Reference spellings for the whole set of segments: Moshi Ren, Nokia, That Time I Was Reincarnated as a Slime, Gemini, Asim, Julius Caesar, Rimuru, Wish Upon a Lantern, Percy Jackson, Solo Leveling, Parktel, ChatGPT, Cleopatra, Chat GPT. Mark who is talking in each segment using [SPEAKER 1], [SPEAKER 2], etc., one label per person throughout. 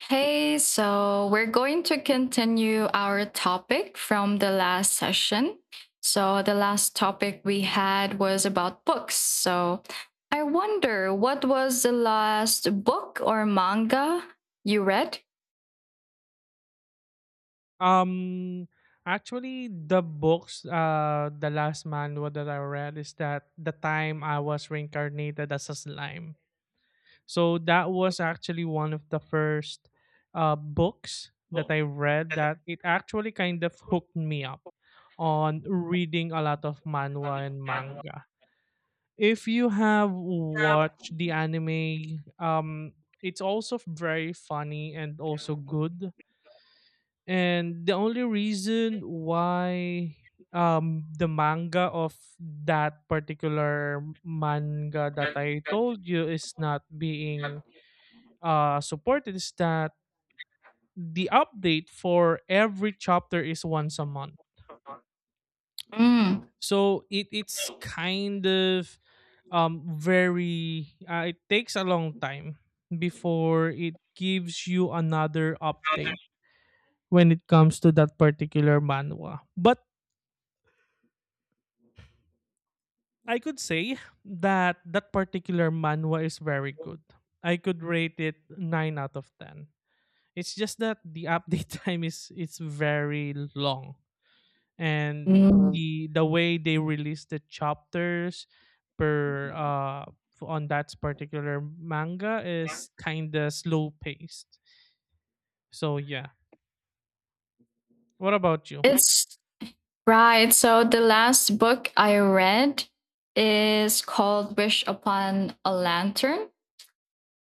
[SPEAKER 1] Hey, so we're going to continue our topic from the last session. So, the last topic we had was about books. So, I wonder what was the last book or manga you read?
[SPEAKER 2] Um, Actually, the books, the last manual that I read is that the time I was reincarnated as a slime. So that was actually one of the first books that I read that it actually kind of hooked me up on reading a lot of manhwa and manga. If you have watched the anime, it's also very funny and also good, and the only reason why the manga of that particular manga that I told you is not being supported is that the update for every chapter is once a month.
[SPEAKER 1] Mm.
[SPEAKER 2] So it's kind of very it takes a long time before it gives you another update when it comes to that particular manhwa. But I could say that that particular manhwa is very good. I could rate it 9 out of 10. It's just that the update time is it's very long, and
[SPEAKER 1] Mm.
[SPEAKER 2] the way they release the chapters per on that particular manga is kind of slow paced. So yeah. What about you?
[SPEAKER 1] It's right. So, the last book I read is called Wish Upon a Lantern,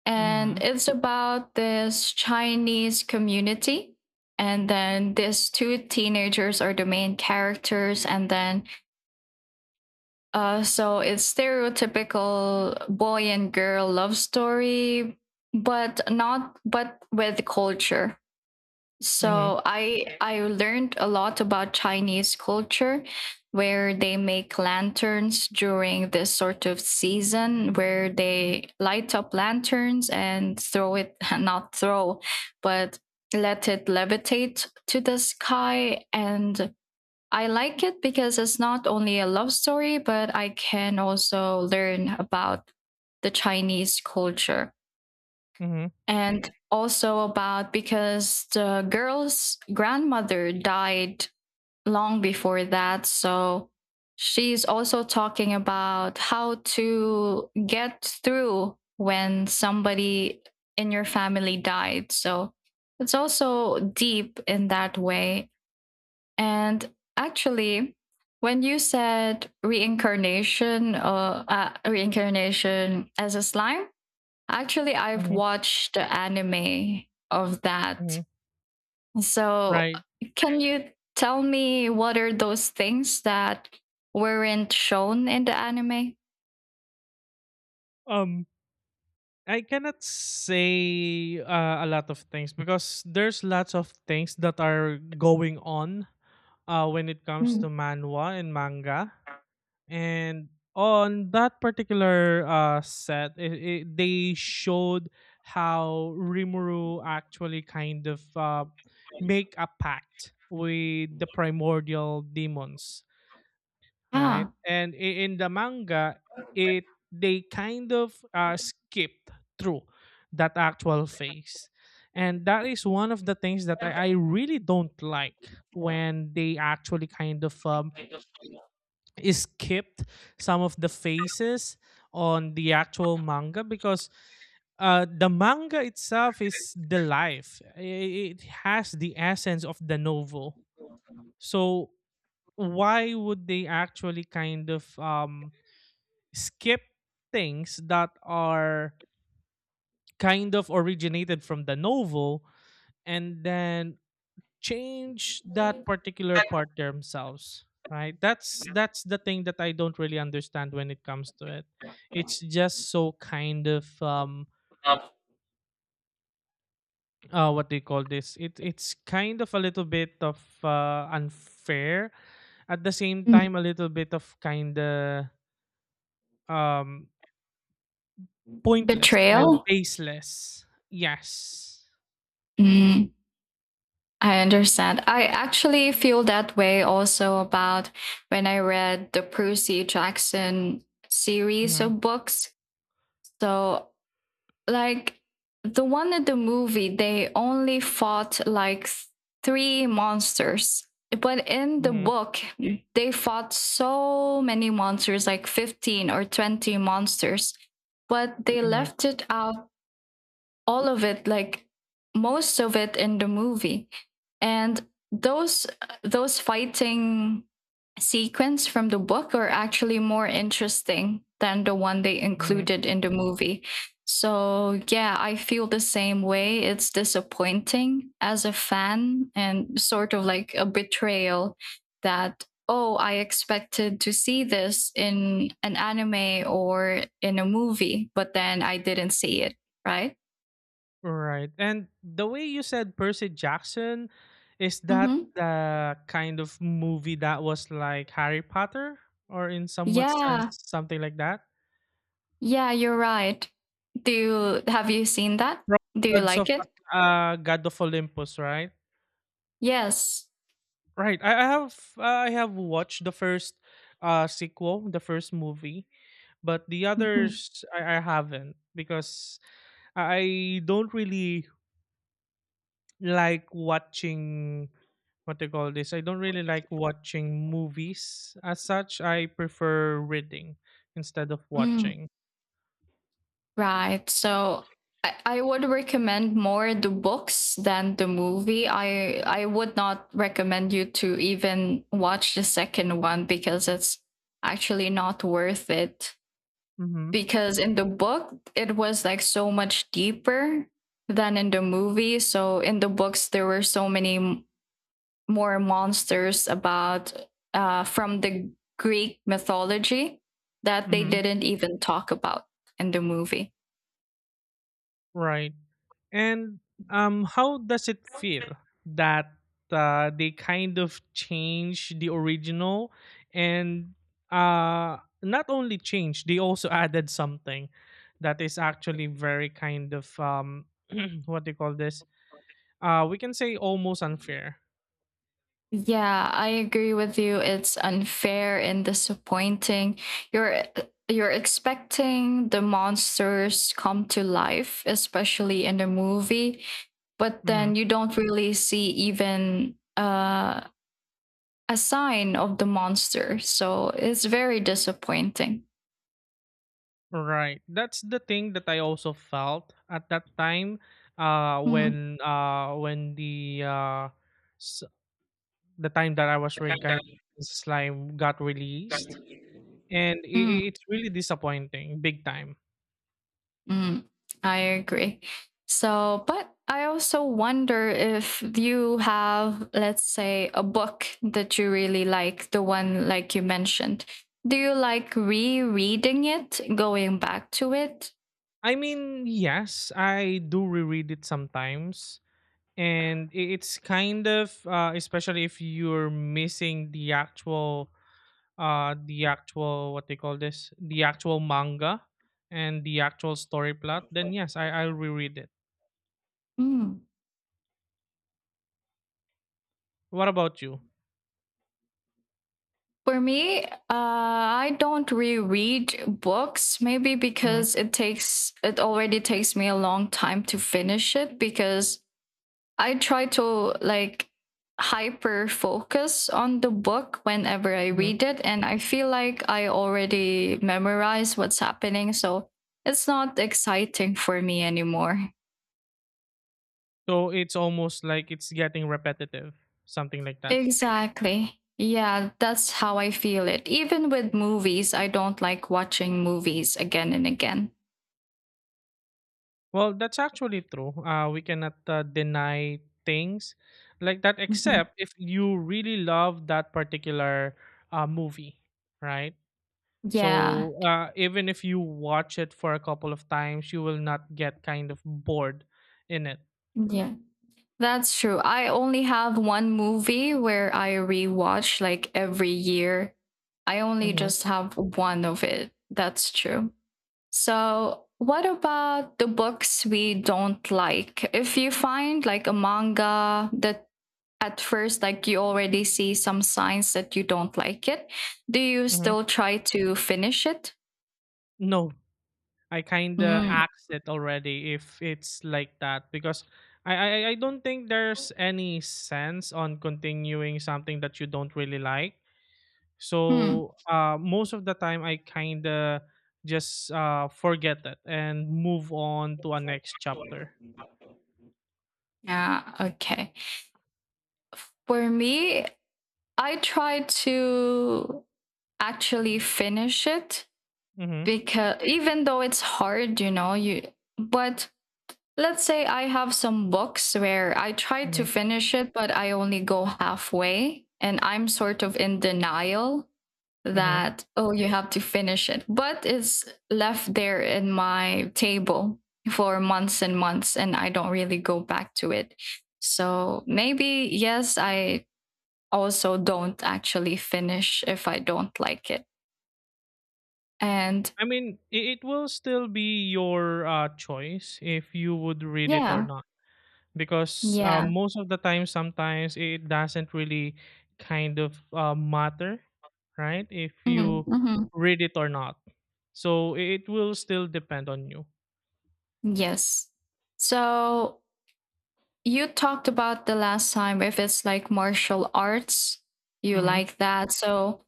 [SPEAKER 1] and
[SPEAKER 2] Mhm.
[SPEAKER 1] it's about this Chinese community. And then these two teenagers are the main characters. And then, so it's stereotypical boy and girl love story, but not, but with culture.
[SPEAKER 2] Mhm.
[SPEAKER 1] So I learned a lot about Chinese culture where they make lanterns during this sort of season where they light up lanterns and throw it not throw but let it levitate to the sky, and I like it because it's not only a love story but I can also learn about the Chinese culture
[SPEAKER 2] Mhm.
[SPEAKER 1] and also about because the girl's grandmother died long before that, so she's also talking about how to get through when somebody in your family died, so it's also deep in that way. And actually when you said reincarnation or reincarnation as a slime, actually I've
[SPEAKER 2] Mhm.
[SPEAKER 1] watched the anime of that.
[SPEAKER 2] Mhm.
[SPEAKER 1] So,
[SPEAKER 2] Right.
[SPEAKER 1] can you tell me what are those things that weren't shown in the anime?
[SPEAKER 2] Um I cannot say a lot of things because there's lots of things that are going on when it comes to
[SPEAKER 1] Mm.
[SPEAKER 2] manhwa and manga. And on that particular set, they showed how Rimuru actually kind of make a pact with the primordial demons, right?
[SPEAKER 1] Ah.
[SPEAKER 2] And in the manga, it they kind of skipped through that actual phase, and that is one of the things that I really don't like when they actually kind of skipped some of the phases on the actual manga because the manga itself is the life. It has the essence of the novel. So why would they actually kind of skip things that are kind of originated from the novel and then change that particular part themselves, right? That's the thing that I don't really understand when it comes to it. It's just so kind of what do you call this? It's kind of a little bit of unfair, at the same
[SPEAKER 1] Mm.
[SPEAKER 2] time a little bit of kind of um pointless and
[SPEAKER 1] Betrayal?
[SPEAKER 2] baseless, yes.
[SPEAKER 1] Mm, I understand. I actually feel that way also about when I read the Percy Jackson series of
[SPEAKER 2] Mm-hmm.
[SPEAKER 1] books. So, like the one in the movie, they only fought like three monsters. But in the
[SPEAKER 2] Mhm,
[SPEAKER 1] book, they fought so many monsters, like 15 or 20 monsters, but they
[SPEAKER 2] mhm,
[SPEAKER 1] left it out, all of it, like most of it in the movie. And those those fighting sequence from the book are actually more interesting than the one they
[SPEAKER 2] mhm.
[SPEAKER 1] included in the movie. So yeah, I feel the same way. It's disappointing as a fan and sort of like a betrayal, that oh, I expected to see this in an anime or in a movie but then I didn't see it, right.
[SPEAKER 2] Right. And the way you said Percy Jackson, is that
[SPEAKER 1] Hmm.
[SPEAKER 2] the kind of movie that was like Harry Potter, or in somewhat sense
[SPEAKER 1] Yeah,
[SPEAKER 2] something like that?
[SPEAKER 1] yeah, you're right. Do you have you seen that?
[SPEAKER 2] From
[SPEAKER 1] Do you
[SPEAKER 2] Gods
[SPEAKER 1] like
[SPEAKER 2] of
[SPEAKER 1] it?
[SPEAKER 2] God of Olympus, right?
[SPEAKER 1] Yes.
[SPEAKER 2] Right. I have watched the first sequel, the first movie, but the
[SPEAKER 1] Hmm.
[SPEAKER 2] others I haven't because I don't really like watching what they call this. I don't really like watching movies as such. I prefer reading instead of
[SPEAKER 1] Mm,
[SPEAKER 2] watching.
[SPEAKER 1] right. So I would recommend more the books than the movie. I would not recommend you to even watch the second one because it's actually not worth it.
[SPEAKER 2] Mm-hmm.
[SPEAKER 1] Because in the book it was like so much deeper than in the movie. So in the books there were so many more monsters about from the Greek mythology that they
[SPEAKER 2] Mm-hmm.
[SPEAKER 1] didn't even talk about in the movie.
[SPEAKER 2] Right. And how does it feel that they kind of change the original, and uh, not only change, they also added something that is actually very kind of what do you call this? We can say almost unfair.
[SPEAKER 1] Yeah, I agree with you. It's unfair and disappointing. You're you're expecting the monsters come to life, especially in the movie, but
[SPEAKER 2] Mm-hmm.
[SPEAKER 1] then you don't really see even a sign of the monster. So it's very disappointing.
[SPEAKER 2] Right. That's the thing that I also felt at that time.
[SPEAKER 1] Mm.
[SPEAKER 2] When the s- the time that I was reincarnated in slime got released, and i i-
[SPEAKER 1] Mm.
[SPEAKER 2] it's really disappointing, big time.
[SPEAKER 1] Mm, I agree. So, but I also wonder if you have, let's say, a book that you really like, the one like you mentioned. Do you like rereading it, going back to it?
[SPEAKER 2] I mean, yes, I do reread it sometimes, and it's kind of especially if you're missing the actual what they call this, the actual manga and the actual story plot, then yes, I'll reread it.
[SPEAKER 1] Mm.
[SPEAKER 2] What about you?
[SPEAKER 1] For me, I don't reread books, maybe
[SPEAKER 2] Hmm.
[SPEAKER 1] because it takes, it already takes me a long time to finish it because I try to like hyper focus on the book whenever I
[SPEAKER 2] Hmm.
[SPEAKER 1] read it. And I feel like I already memorize what's happening. So it's not exciting for me anymore.
[SPEAKER 2] So it's almost like it's getting repetitive, something like that.
[SPEAKER 1] Exactly. Yeah, that's how I feel it. Even with movies, I don't like watching movies again and again.
[SPEAKER 2] Well, that's actually true. We cannot deny things like that,
[SPEAKER 1] Mhm.
[SPEAKER 2] except if you really love that particular movie, right?
[SPEAKER 1] Yeah.
[SPEAKER 2] So even if you watch it for a couple of times, you will not get kind of bored in it.
[SPEAKER 1] Yeah. That's true. I only have one movie where I rewatch like every year. I only
[SPEAKER 2] Hmm.
[SPEAKER 1] just have one of it. That's true. So, what about the books we don't like? If you find like a manga that at first like you already see some signs that you don't like it, do you
[SPEAKER 2] Hmm.
[SPEAKER 1] still try to finish it?
[SPEAKER 2] No, I kind of
[SPEAKER 1] Mm.
[SPEAKER 2] axe it already if it's like that, because I don't think there's any sense on continuing something that you don't really like.
[SPEAKER 1] Hmm.
[SPEAKER 2] So most of the time, I kind of just forget it and move on to a next chapter.
[SPEAKER 1] Yeah, okay. For me, I try to actually finish it
[SPEAKER 2] Mm-hmm,
[SPEAKER 1] because even though it's hard, you know, you but let's say I have some books where I try
[SPEAKER 2] mm-hmm,
[SPEAKER 1] to finish it but I only go halfway and I'm sort of in denial
[SPEAKER 2] mm-hmm.
[SPEAKER 1] that oh, you have to finish it, but it's left there in my table for months and months and I don't really go back to it. So maybe yes, I also don't actually finish if I don't like it. And
[SPEAKER 2] I mean, it will still be your choice if you would read it or
[SPEAKER 1] yeah,
[SPEAKER 2] not, because
[SPEAKER 1] yeah.
[SPEAKER 2] most of the time, sometimes it doesn't really kind of matter, right? If
[SPEAKER 1] Mhm,
[SPEAKER 2] you
[SPEAKER 1] mhm.
[SPEAKER 2] read it or not, so it will still depend on you.
[SPEAKER 1] Yes. So you talked about the last time if it's like martial arts, you
[SPEAKER 2] Hmm.
[SPEAKER 1] like that. So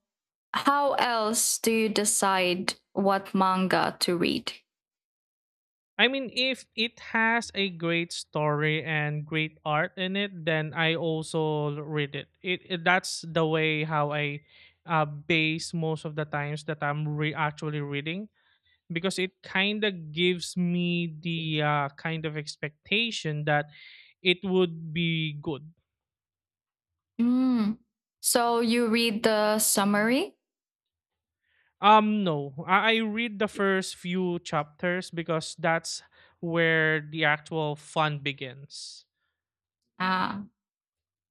[SPEAKER 1] how else do you decide what manga to read?
[SPEAKER 2] I mean, if it has a great story and great art in it, then I also read it. That's the way how I base most of the times that I'm actually reading, because it kind of gives me the kind of expectation that it would be good.
[SPEAKER 1] Mm. So you read the summary?
[SPEAKER 2] No, I read the first few chapters because that's where the actual fun begins.
[SPEAKER 1] Ah.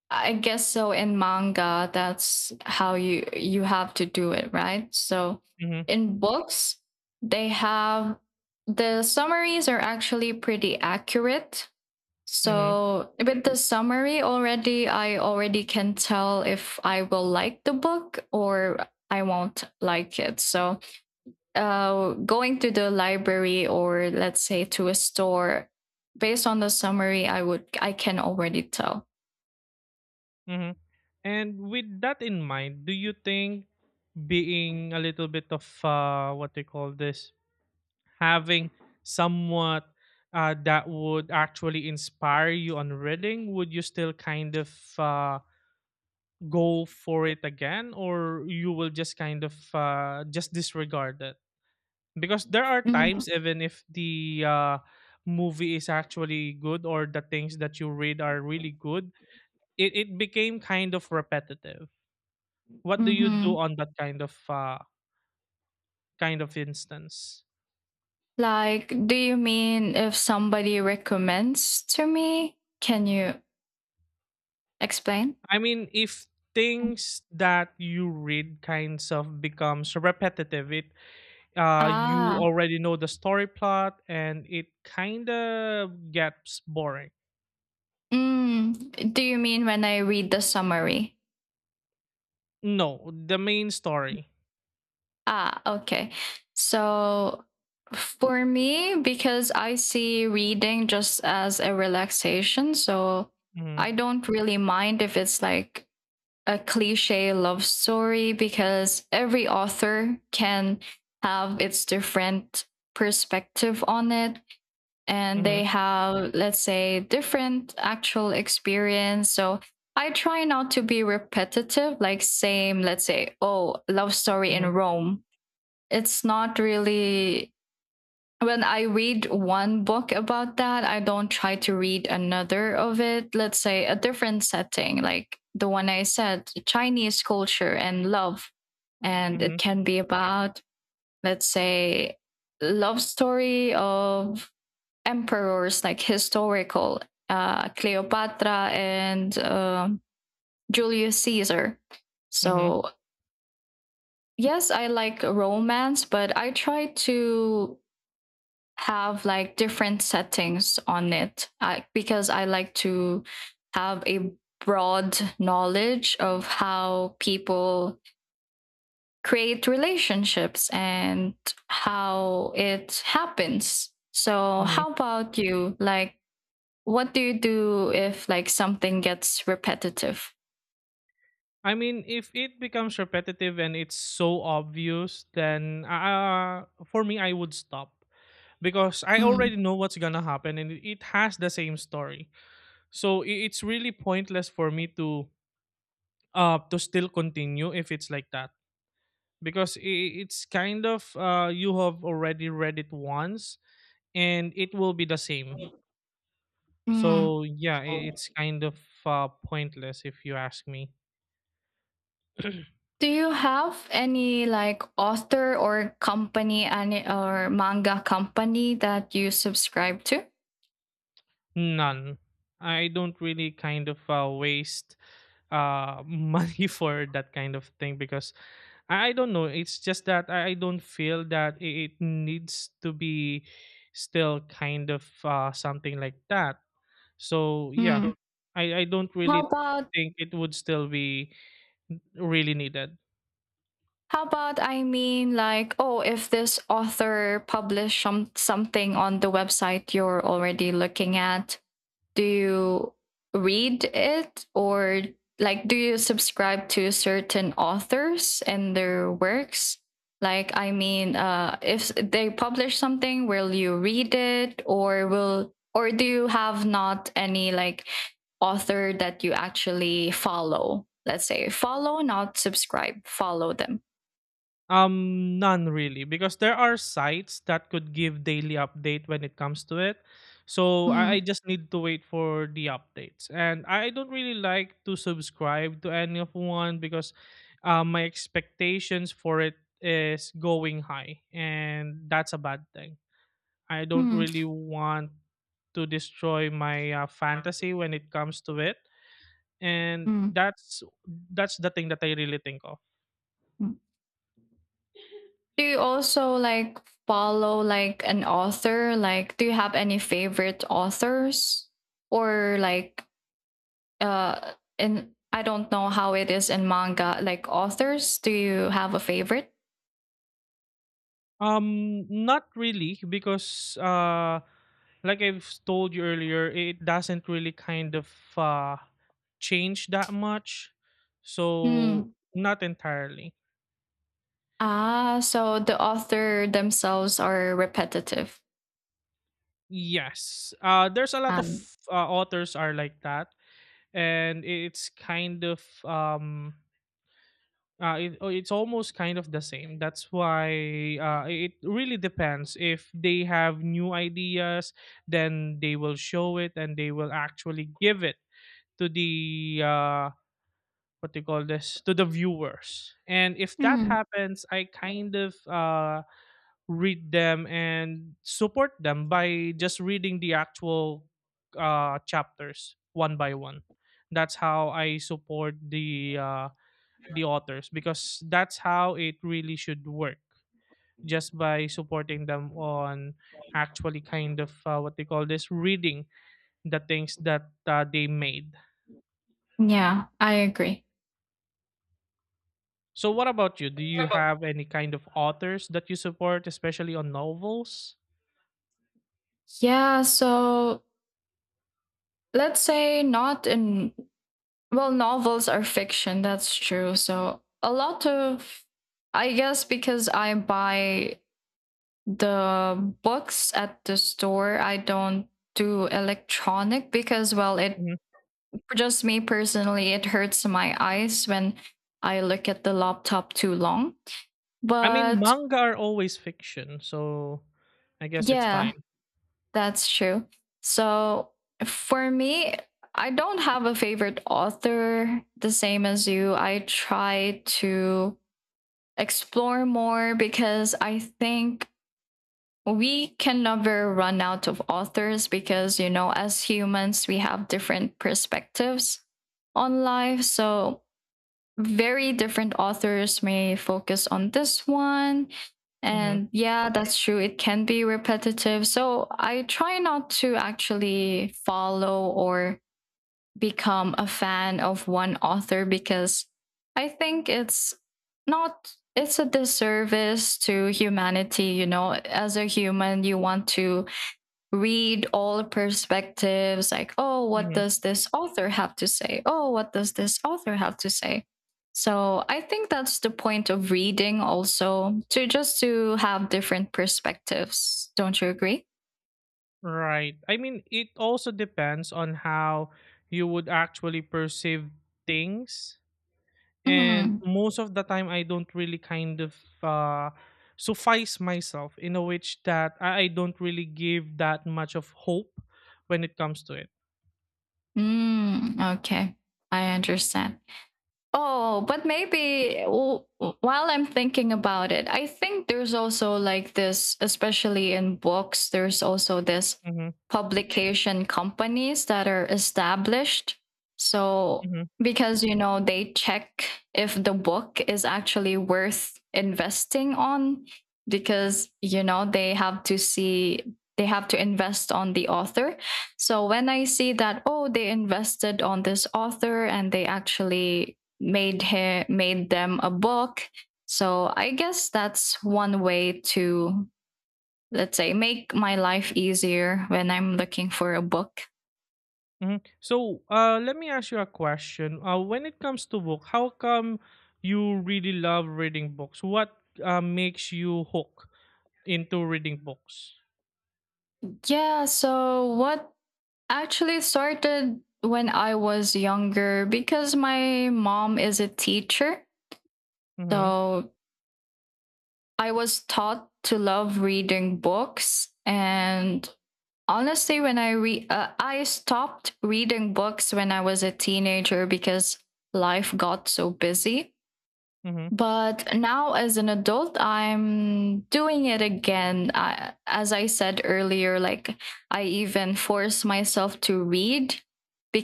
[SPEAKER 1] I guess so in manga that's how you have to do it, right? So
[SPEAKER 2] Mm-hmm,
[SPEAKER 1] in books they have the summaries are actually pretty accurate.
[SPEAKER 2] mm-hmm,
[SPEAKER 1] So with the summary already I already can tell if I will like the book or I won't like it. So going to the library or let's say to a store, based on the summary, I can already tell.
[SPEAKER 2] mm-hmm. And with that in mind, do you think being a little bit of what they call this, having somewhat that would actually inspire you on reading, would you still kind of uh, go for it again, or you will just kind of just disregard it? Because there are
[SPEAKER 1] Mm-hmm.
[SPEAKER 2] times, even if the movie is actually good or the things that you read are really good, it became kind of repetitive. What do you do
[SPEAKER 1] Mm-hmm.
[SPEAKER 2] on that kind of instance?
[SPEAKER 1] Like, do you mean if somebody recommends to me? Can you explain?
[SPEAKER 2] I mean, if things that you read kinds of becomes repetitive, it you
[SPEAKER 1] Ah.
[SPEAKER 2] already know the story plot and it kind of gets boring.
[SPEAKER 1] Mm, do you mean when I read the summary?
[SPEAKER 2] No, the main story.
[SPEAKER 1] Ah, okay. So for me, because I see reading just as a relaxation, so I
[SPEAKER 2] Mhm,
[SPEAKER 1] don't really mind if it's like a cliche love story because every author can have its different perspective on it and
[SPEAKER 2] mhm,
[SPEAKER 1] they have, let's say, different actual experience. So I try not to be repetitive, like same, let's say, oh, love story in
[SPEAKER 2] mhm,
[SPEAKER 1] Rome. It's not really when I read one book about that, I don't try to read another of it. Let's say a different setting, like the one I said, Chinese culture and love. And it
[SPEAKER 2] mhm,
[SPEAKER 1] can be about, let's say, love story of emperors like historical Cleopatra and Julius Caesar.
[SPEAKER 2] mhm,
[SPEAKER 1] So yes, I like romance, but I try to have like different settings on it, because I like to have a broad knowledge of how people create relationships and how it happens. So,
[SPEAKER 2] mhm.
[SPEAKER 1] how about you? Like, what do you do if like something gets repetitive?
[SPEAKER 2] I mean, if it becomes repetitive and it's so obvious, then for me, I would stop, because I
[SPEAKER 1] Mm.
[SPEAKER 2] already know what's gonna happen, and it has the same story. So it's really pointless for me to still continue if it's like that, because it's kind of you have already read it once and it will be the same.
[SPEAKER 1] Mm.
[SPEAKER 2] So yeah, I it's kind of pointless if you ask me.
[SPEAKER 1] Do you have any like author or company any or manga company that you subscribe to?
[SPEAKER 2] None. I don't really kind of waste money for that kind of thing, because I don't know. It's just that I don't feel that it needs to be still kind of something like that. So yeah,
[SPEAKER 1] Mm.
[SPEAKER 2] I don't
[SPEAKER 1] How
[SPEAKER 2] really
[SPEAKER 1] about
[SPEAKER 2] think it would still be really needed.
[SPEAKER 1] how about I mean like oh, if this author published something on the website you're already looking at, do you read it, or like do you subscribe to certain authors and their works? Like, I mean, if they publish something, will you read it, or will, or do you have not any like author that you actually follow? Let's say follow, not subscribe, follow them.
[SPEAKER 2] None really, because there are sites that could give daily update when it comes to it. So I
[SPEAKER 1] Mm.
[SPEAKER 2] just need to wait for the updates, and I don't really like to subscribe to any of one, because my expectations for it is going high, and that's a bad thing. I don't
[SPEAKER 1] Mm.
[SPEAKER 2] really want to destroy my fantasy when it comes to it, and
[SPEAKER 1] Mm.
[SPEAKER 2] that's the thing that I really think of.
[SPEAKER 1] Mm. Do you also like follow like an author? Like, do you have any favorite authors? Or like, in I don't know how it is in manga. Like authors, do you have a favorite?
[SPEAKER 2] Not really, because like I've told you earlier, it doesn't really kind of uh change that much. So
[SPEAKER 1] Hmm.
[SPEAKER 2] not entirely.
[SPEAKER 1] Ah, so the author themselves are repetitive.
[SPEAKER 2] Yes. There's a lot of
[SPEAKER 1] Um,
[SPEAKER 2] authors are like that, and it's kind of it's almost kind of the same. That's why it really depends. If they have new ideas, then they will show it and they will actually give it to the what do you call this, to the viewers, and if that
[SPEAKER 1] Hmm.
[SPEAKER 2] happens, I kind of read them and support them by just reading the actual chapters one by one. That's how I support the authors, because that's how it really should work, just by supporting them on actually kind of what they call this, reading the things that they made.
[SPEAKER 1] Yeah, I agree.
[SPEAKER 2] So what about you? Do you have any kind of authors that you support, especially on novels?
[SPEAKER 1] Yeah, so let's say not in. Well, novels are fiction, that's true. So, a lot of, I guess, because I buy the books at the store, I don't do electronic because, well, it,
[SPEAKER 2] Mhm.
[SPEAKER 1] for just me personally, it hurts my eyes when I look at the laptop too long.
[SPEAKER 2] I mean,
[SPEAKER 1] But
[SPEAKER 2] manga are always fiction, so I guess it's fine.
[SPEAKER 1] yeah, that's true. So, for me, I don't have a favorite author the same as you. I try to explore more because I think we can never run out of authors, because you know, as humans we have different perspectives on life, so very different authors may focus on this one.
[SPEAKER 2] Hmm.
[SPEAKER 1] And yeah, that's true, it can be repetitive, so I try not to actually follow or become a fan of one author because I think it's not, it's a disservice to humanity. You know, as a human you want to read all perspectives, like oh, what
[SPEAKER 2] Hmm.
[SPEAKER 1] does this author have to say, oh, what does this author have to say. So I think that's the point of reading also, to just to have different perspectives, don't you agree?
[SPEAKER 2] Right. I mean, it also depends on how you would actually perceive things. And
[SPEAKER 1] Mm-hmm.
[SPEAKER 2] most of the time, I don't really kind of uh, suffice myself in a which that I don't really give that much of hope when it comes to it.
[SPEAKER 1] Mm, okay, I understand. Oh, but maybe while I'm thinking about it, I think there's also like this, especially in books, there's also this
[SPEAKER 2] Hmm.
[SPEAKER 1] publication companies that are established. So,
[SPEAKER 2] Hmm.
[SPEAKER 1] because, you know, they check if the book is actually worth investing on, because, you know, they have to see, they have to invest on the author. So when I see that, oh, they invested on this author and they actually made them a book. So I guess that's one way to let's say make my life easier when I'm looking for a book.
[SPEAKER 2] Hmm. So let me ask you a question. When it comes to book, how come you really love reading books? What makes you hook into reading books?
[SPEAKER 1] Yeah, so what actually started when I was younger because my mom is a teacher.
[SPEAKER 2] Mm-hmm.
[SPEAKER 1] So I was taught to love reading books. And honestly, when I stopped reading books when I was a teenager because life got so busy.
[SPEAKER 2] Mm-hmm.
[SPEAKER 1] But now, as an adult, I'm doing it again. I, as I said earlier, like I even force myself to read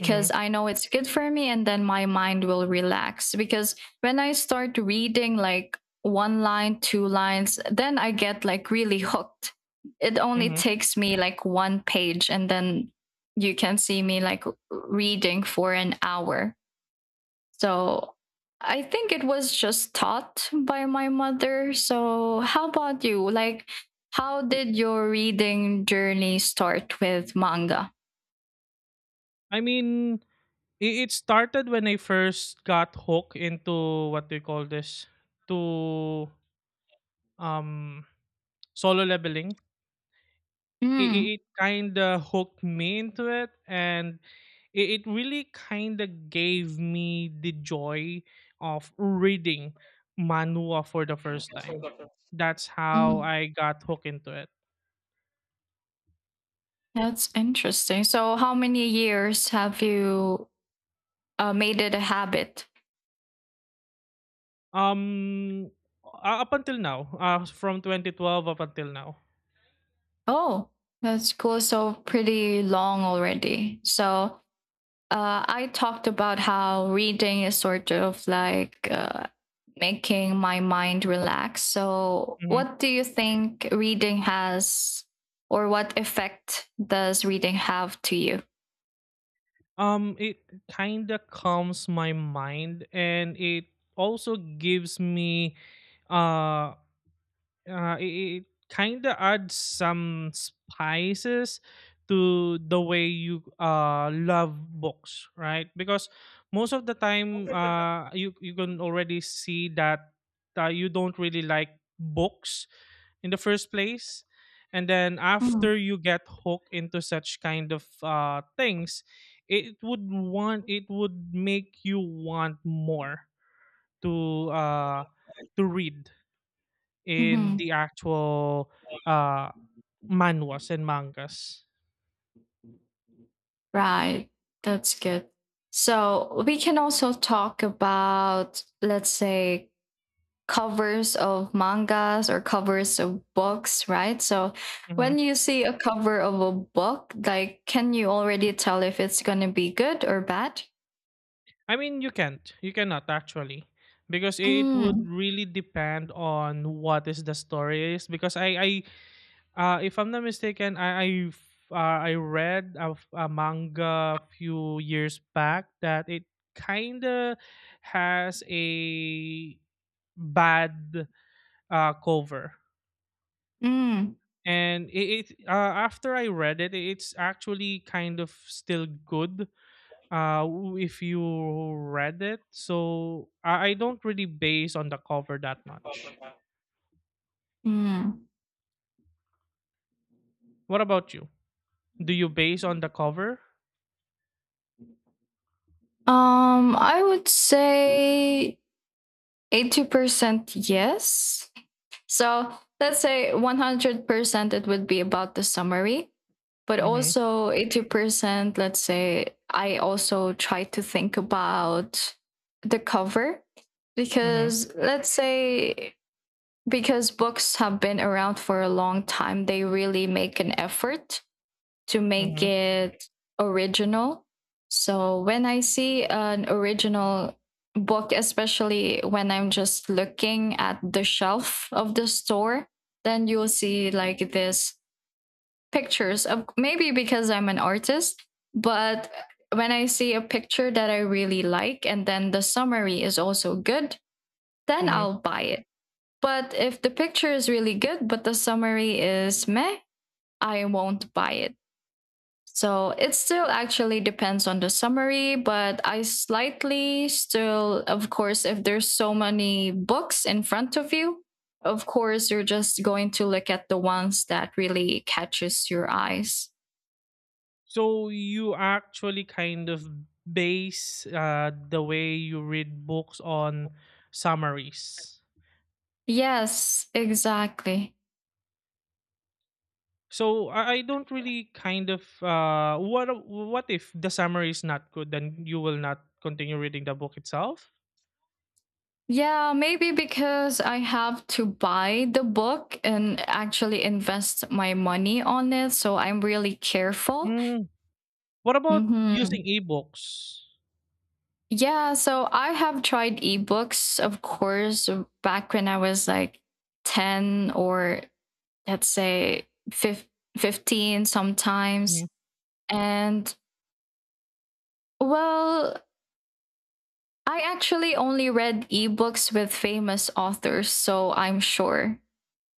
[SPEAKER 2] Mm-hmm.
[SPEAKER 1] I know it's good for me and then my mind will relax. Because when I start reading like one line, two lines, then I get like really hooked. It only
[SPEAKER 2] Hmm.
[SPEAKER 1] takes me like one page and then you can see me like reading for an hour. So I think it was just taught by my mother. So how about you? Like, how did your reading journey start with manga?
[SPEAKER 2] I mean, it started when I first got hooked into what do you call this? To um Solo leveling. It,
[SPEAKER 1] Mm.
[SPEAKER 2] it, kind of hooked me into it, and it really kind of gave me the joy of reading manhwa for the first time. That's how
[SPEAKER 1] Mm,
[SPEAKER 2] I got hooked into it.
[SPEAKER 1] that's interesting. So how many years have you made it a habit?
[SPEAKER 2] Um, Up until now, from 2012 up until now.
[SPEAKER 1] Oh, that's cool. So pretty long already. So I talked about how reading is sort of like making my mind relax. So,
[SPEAKER 2] Mhm.
[SPEAKER 1] what do you think reading has, or what effect does reading have to you?
[SPEAKER 2] It kind of calms my mind, and it also gives me uh it kind of adds some spices to the way you love books, right? Because most of the time, you can already see that you don't really like books in the first place, and then after you get hooked into such kind of things, it would make you want more to uh, to read in
[SPEAKER 1] Mm-hmm.
[SPEAKER 2] the actual uh, manhwas and mangas.
[SPEAKER 1] Right, that's good. So, we can also talk about, let's say, covers of mangas or covers of books, right? So
[SPEAKER 2] Hmm.
[SPEAKER 1] when you see a cover of a book, like can you already tell if it's going to be good or bad?
[SPEAKER 2] I mean, you can't. You cannot actually, because it would
[SPEAKER 1] Mm.
[SPEAKER 2] really depend on what is the story is. Because I If I'm not mistaken, I read a, a manga a few years back that it kind of has a bad cover,
[SPEAKER 1] Mm.
[SPEAKER 2] and it after I read it, it's actually kind of still good. If you read it, so I don't really base on the cover that much.
[SPEAKER 1] Mm.
[SPEAKER 2] What about you? Do you base on the cover?
[SPEAKER 1] I would say 80% yes. So let's say 100% it would be about the summary, but
[SPEAKER 2] Mhm,
[SPEAKER 1] also 80%, let's say I also try to think about the cover
[SPEAKER 2] mhm,
[SPEAKER 1] because let's say because books have been around for a long time, they really make an effort to make
[SPEAKER 2] mhm,
[SPEAKER 1] it original. So when I see an original book, especially when I'm just looking at the shelf of the store, then you'll see like this pictures of, maybe because I'm an artist, but when I see a picture that I really like and then the summary is also good, then
[SPEAKER 2] mhm.
[SPEAKER 1] I'll buy it. But if the picture is really good, but the summary is meh, I won't buy it. So it still actually depends on the summary, but I slightly still, of course, if there's so many books in front of you, of course, you're just going to look at the ones that really catches your eyes.
[SPEAKER 2] So you actually kind of base the way you read books on summaries.
[SPEAKER 1] Yes, exactly.
[SPEAKER 2] So I don't really kind of what if the summary is not good, then you will not continue reading the book itself?
[SPEAKER 1] Yeah, maybe because I have to buy the book and actually invest my money on it. So I'm really careful.
[SPEAKER 2] Mm. What about
[SPEAKER 1] Hmm.
[SPEAKER 2] using ebooks?
[SPEAKER 1] Yeah, so I have tried ebooks, of course, back when I was like 10, or let's say 15
[SPEAKER 2] Mm-hmm,
[SPEAKER 1] sometimes. And well, I actually only read ebooks with famous authors, so I'm sure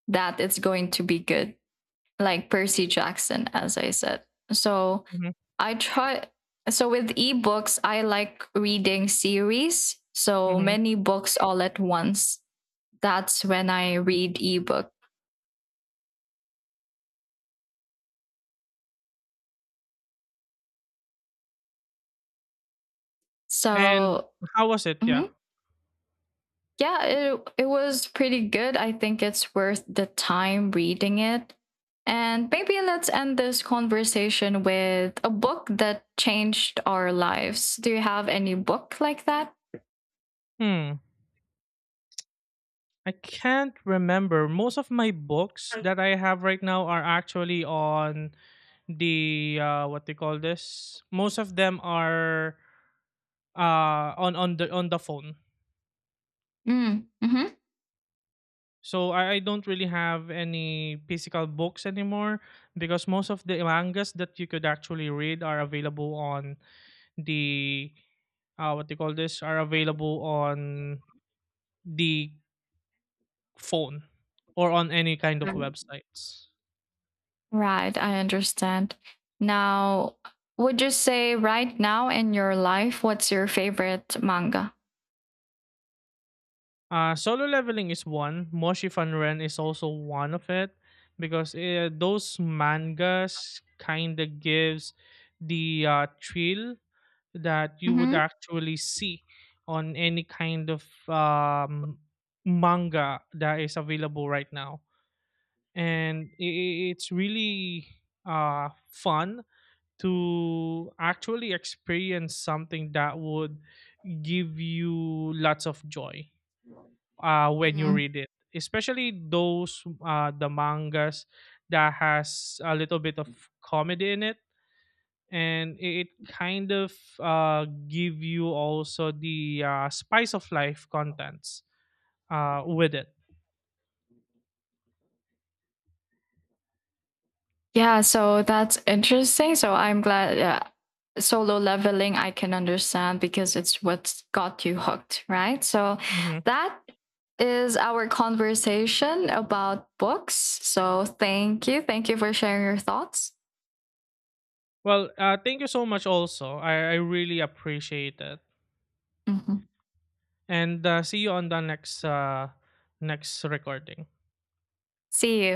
[SPEAKER 1] that it's going to be good, like Percy Jackson, as I said. So
[SPEAKER 2] mm-hmm,
[SPEAKER 1] I try. So with ebooks, I like reading series, so
[SPEAKER 2] mm-hmm.
[SPEAKER 1] many books all at once, that's when I read ebook.
[SPEAKER 2] And
[SPEAKER 1] So
[SPEAKER 2] how was it? Yeah.
[SPEAKER 1] mhm. Yeah, it was pretty good. I think it's worth the time reading it. And maybe let's end this conversation with a book that changed our lives. Do you have any book like that?
[SPEAKER 2] Hmm. I can't remember. Most of my books that I have right now are actually on the what they call this. Most of them are on the phone.
[SPEAKER 1] Mm. Hmm.
[SPEAKER 2] So I don't really have any physical books anymore, because most of the mangas that you could actually read are available on the what they call this, are available on the phone or on any kind of websites.
[SPEAKER 1] Right, I understand. Now, would you say right now in your life, what's your favorite manga?
[SPEAKER 2] Solo leveling is one. Moshi Ren is also one of it, because those mangas kind of gives the thrill that you would
[SPEAKER 1] Mm-hmm.
[SPEAKER 2] actually see on any kind of manga that is available right now. And it's really fun to actually experience something that would give you lots of joy when you read it, especially those the mangas that has a little bit of comedy in it, and it kind of give you also the spice of life contents with it.
[SPEAKER 1] Yeah, so that's interesting. So I'm glad solo leveling I can understand because it's what's got you hooked, right? So
[SPEAKER 2] Hmm.
[SPEAKER 1] that is our conversation about books. So thank you. Thank you for sharing your thoughts.
[SPEAKER 2] Well, thank you so much. Also, I really appreciate it.
[SPEAKER 1] Mhm.
[SPEAKER 2] And see you on the next next recording.
[SPEAKER 1] See you.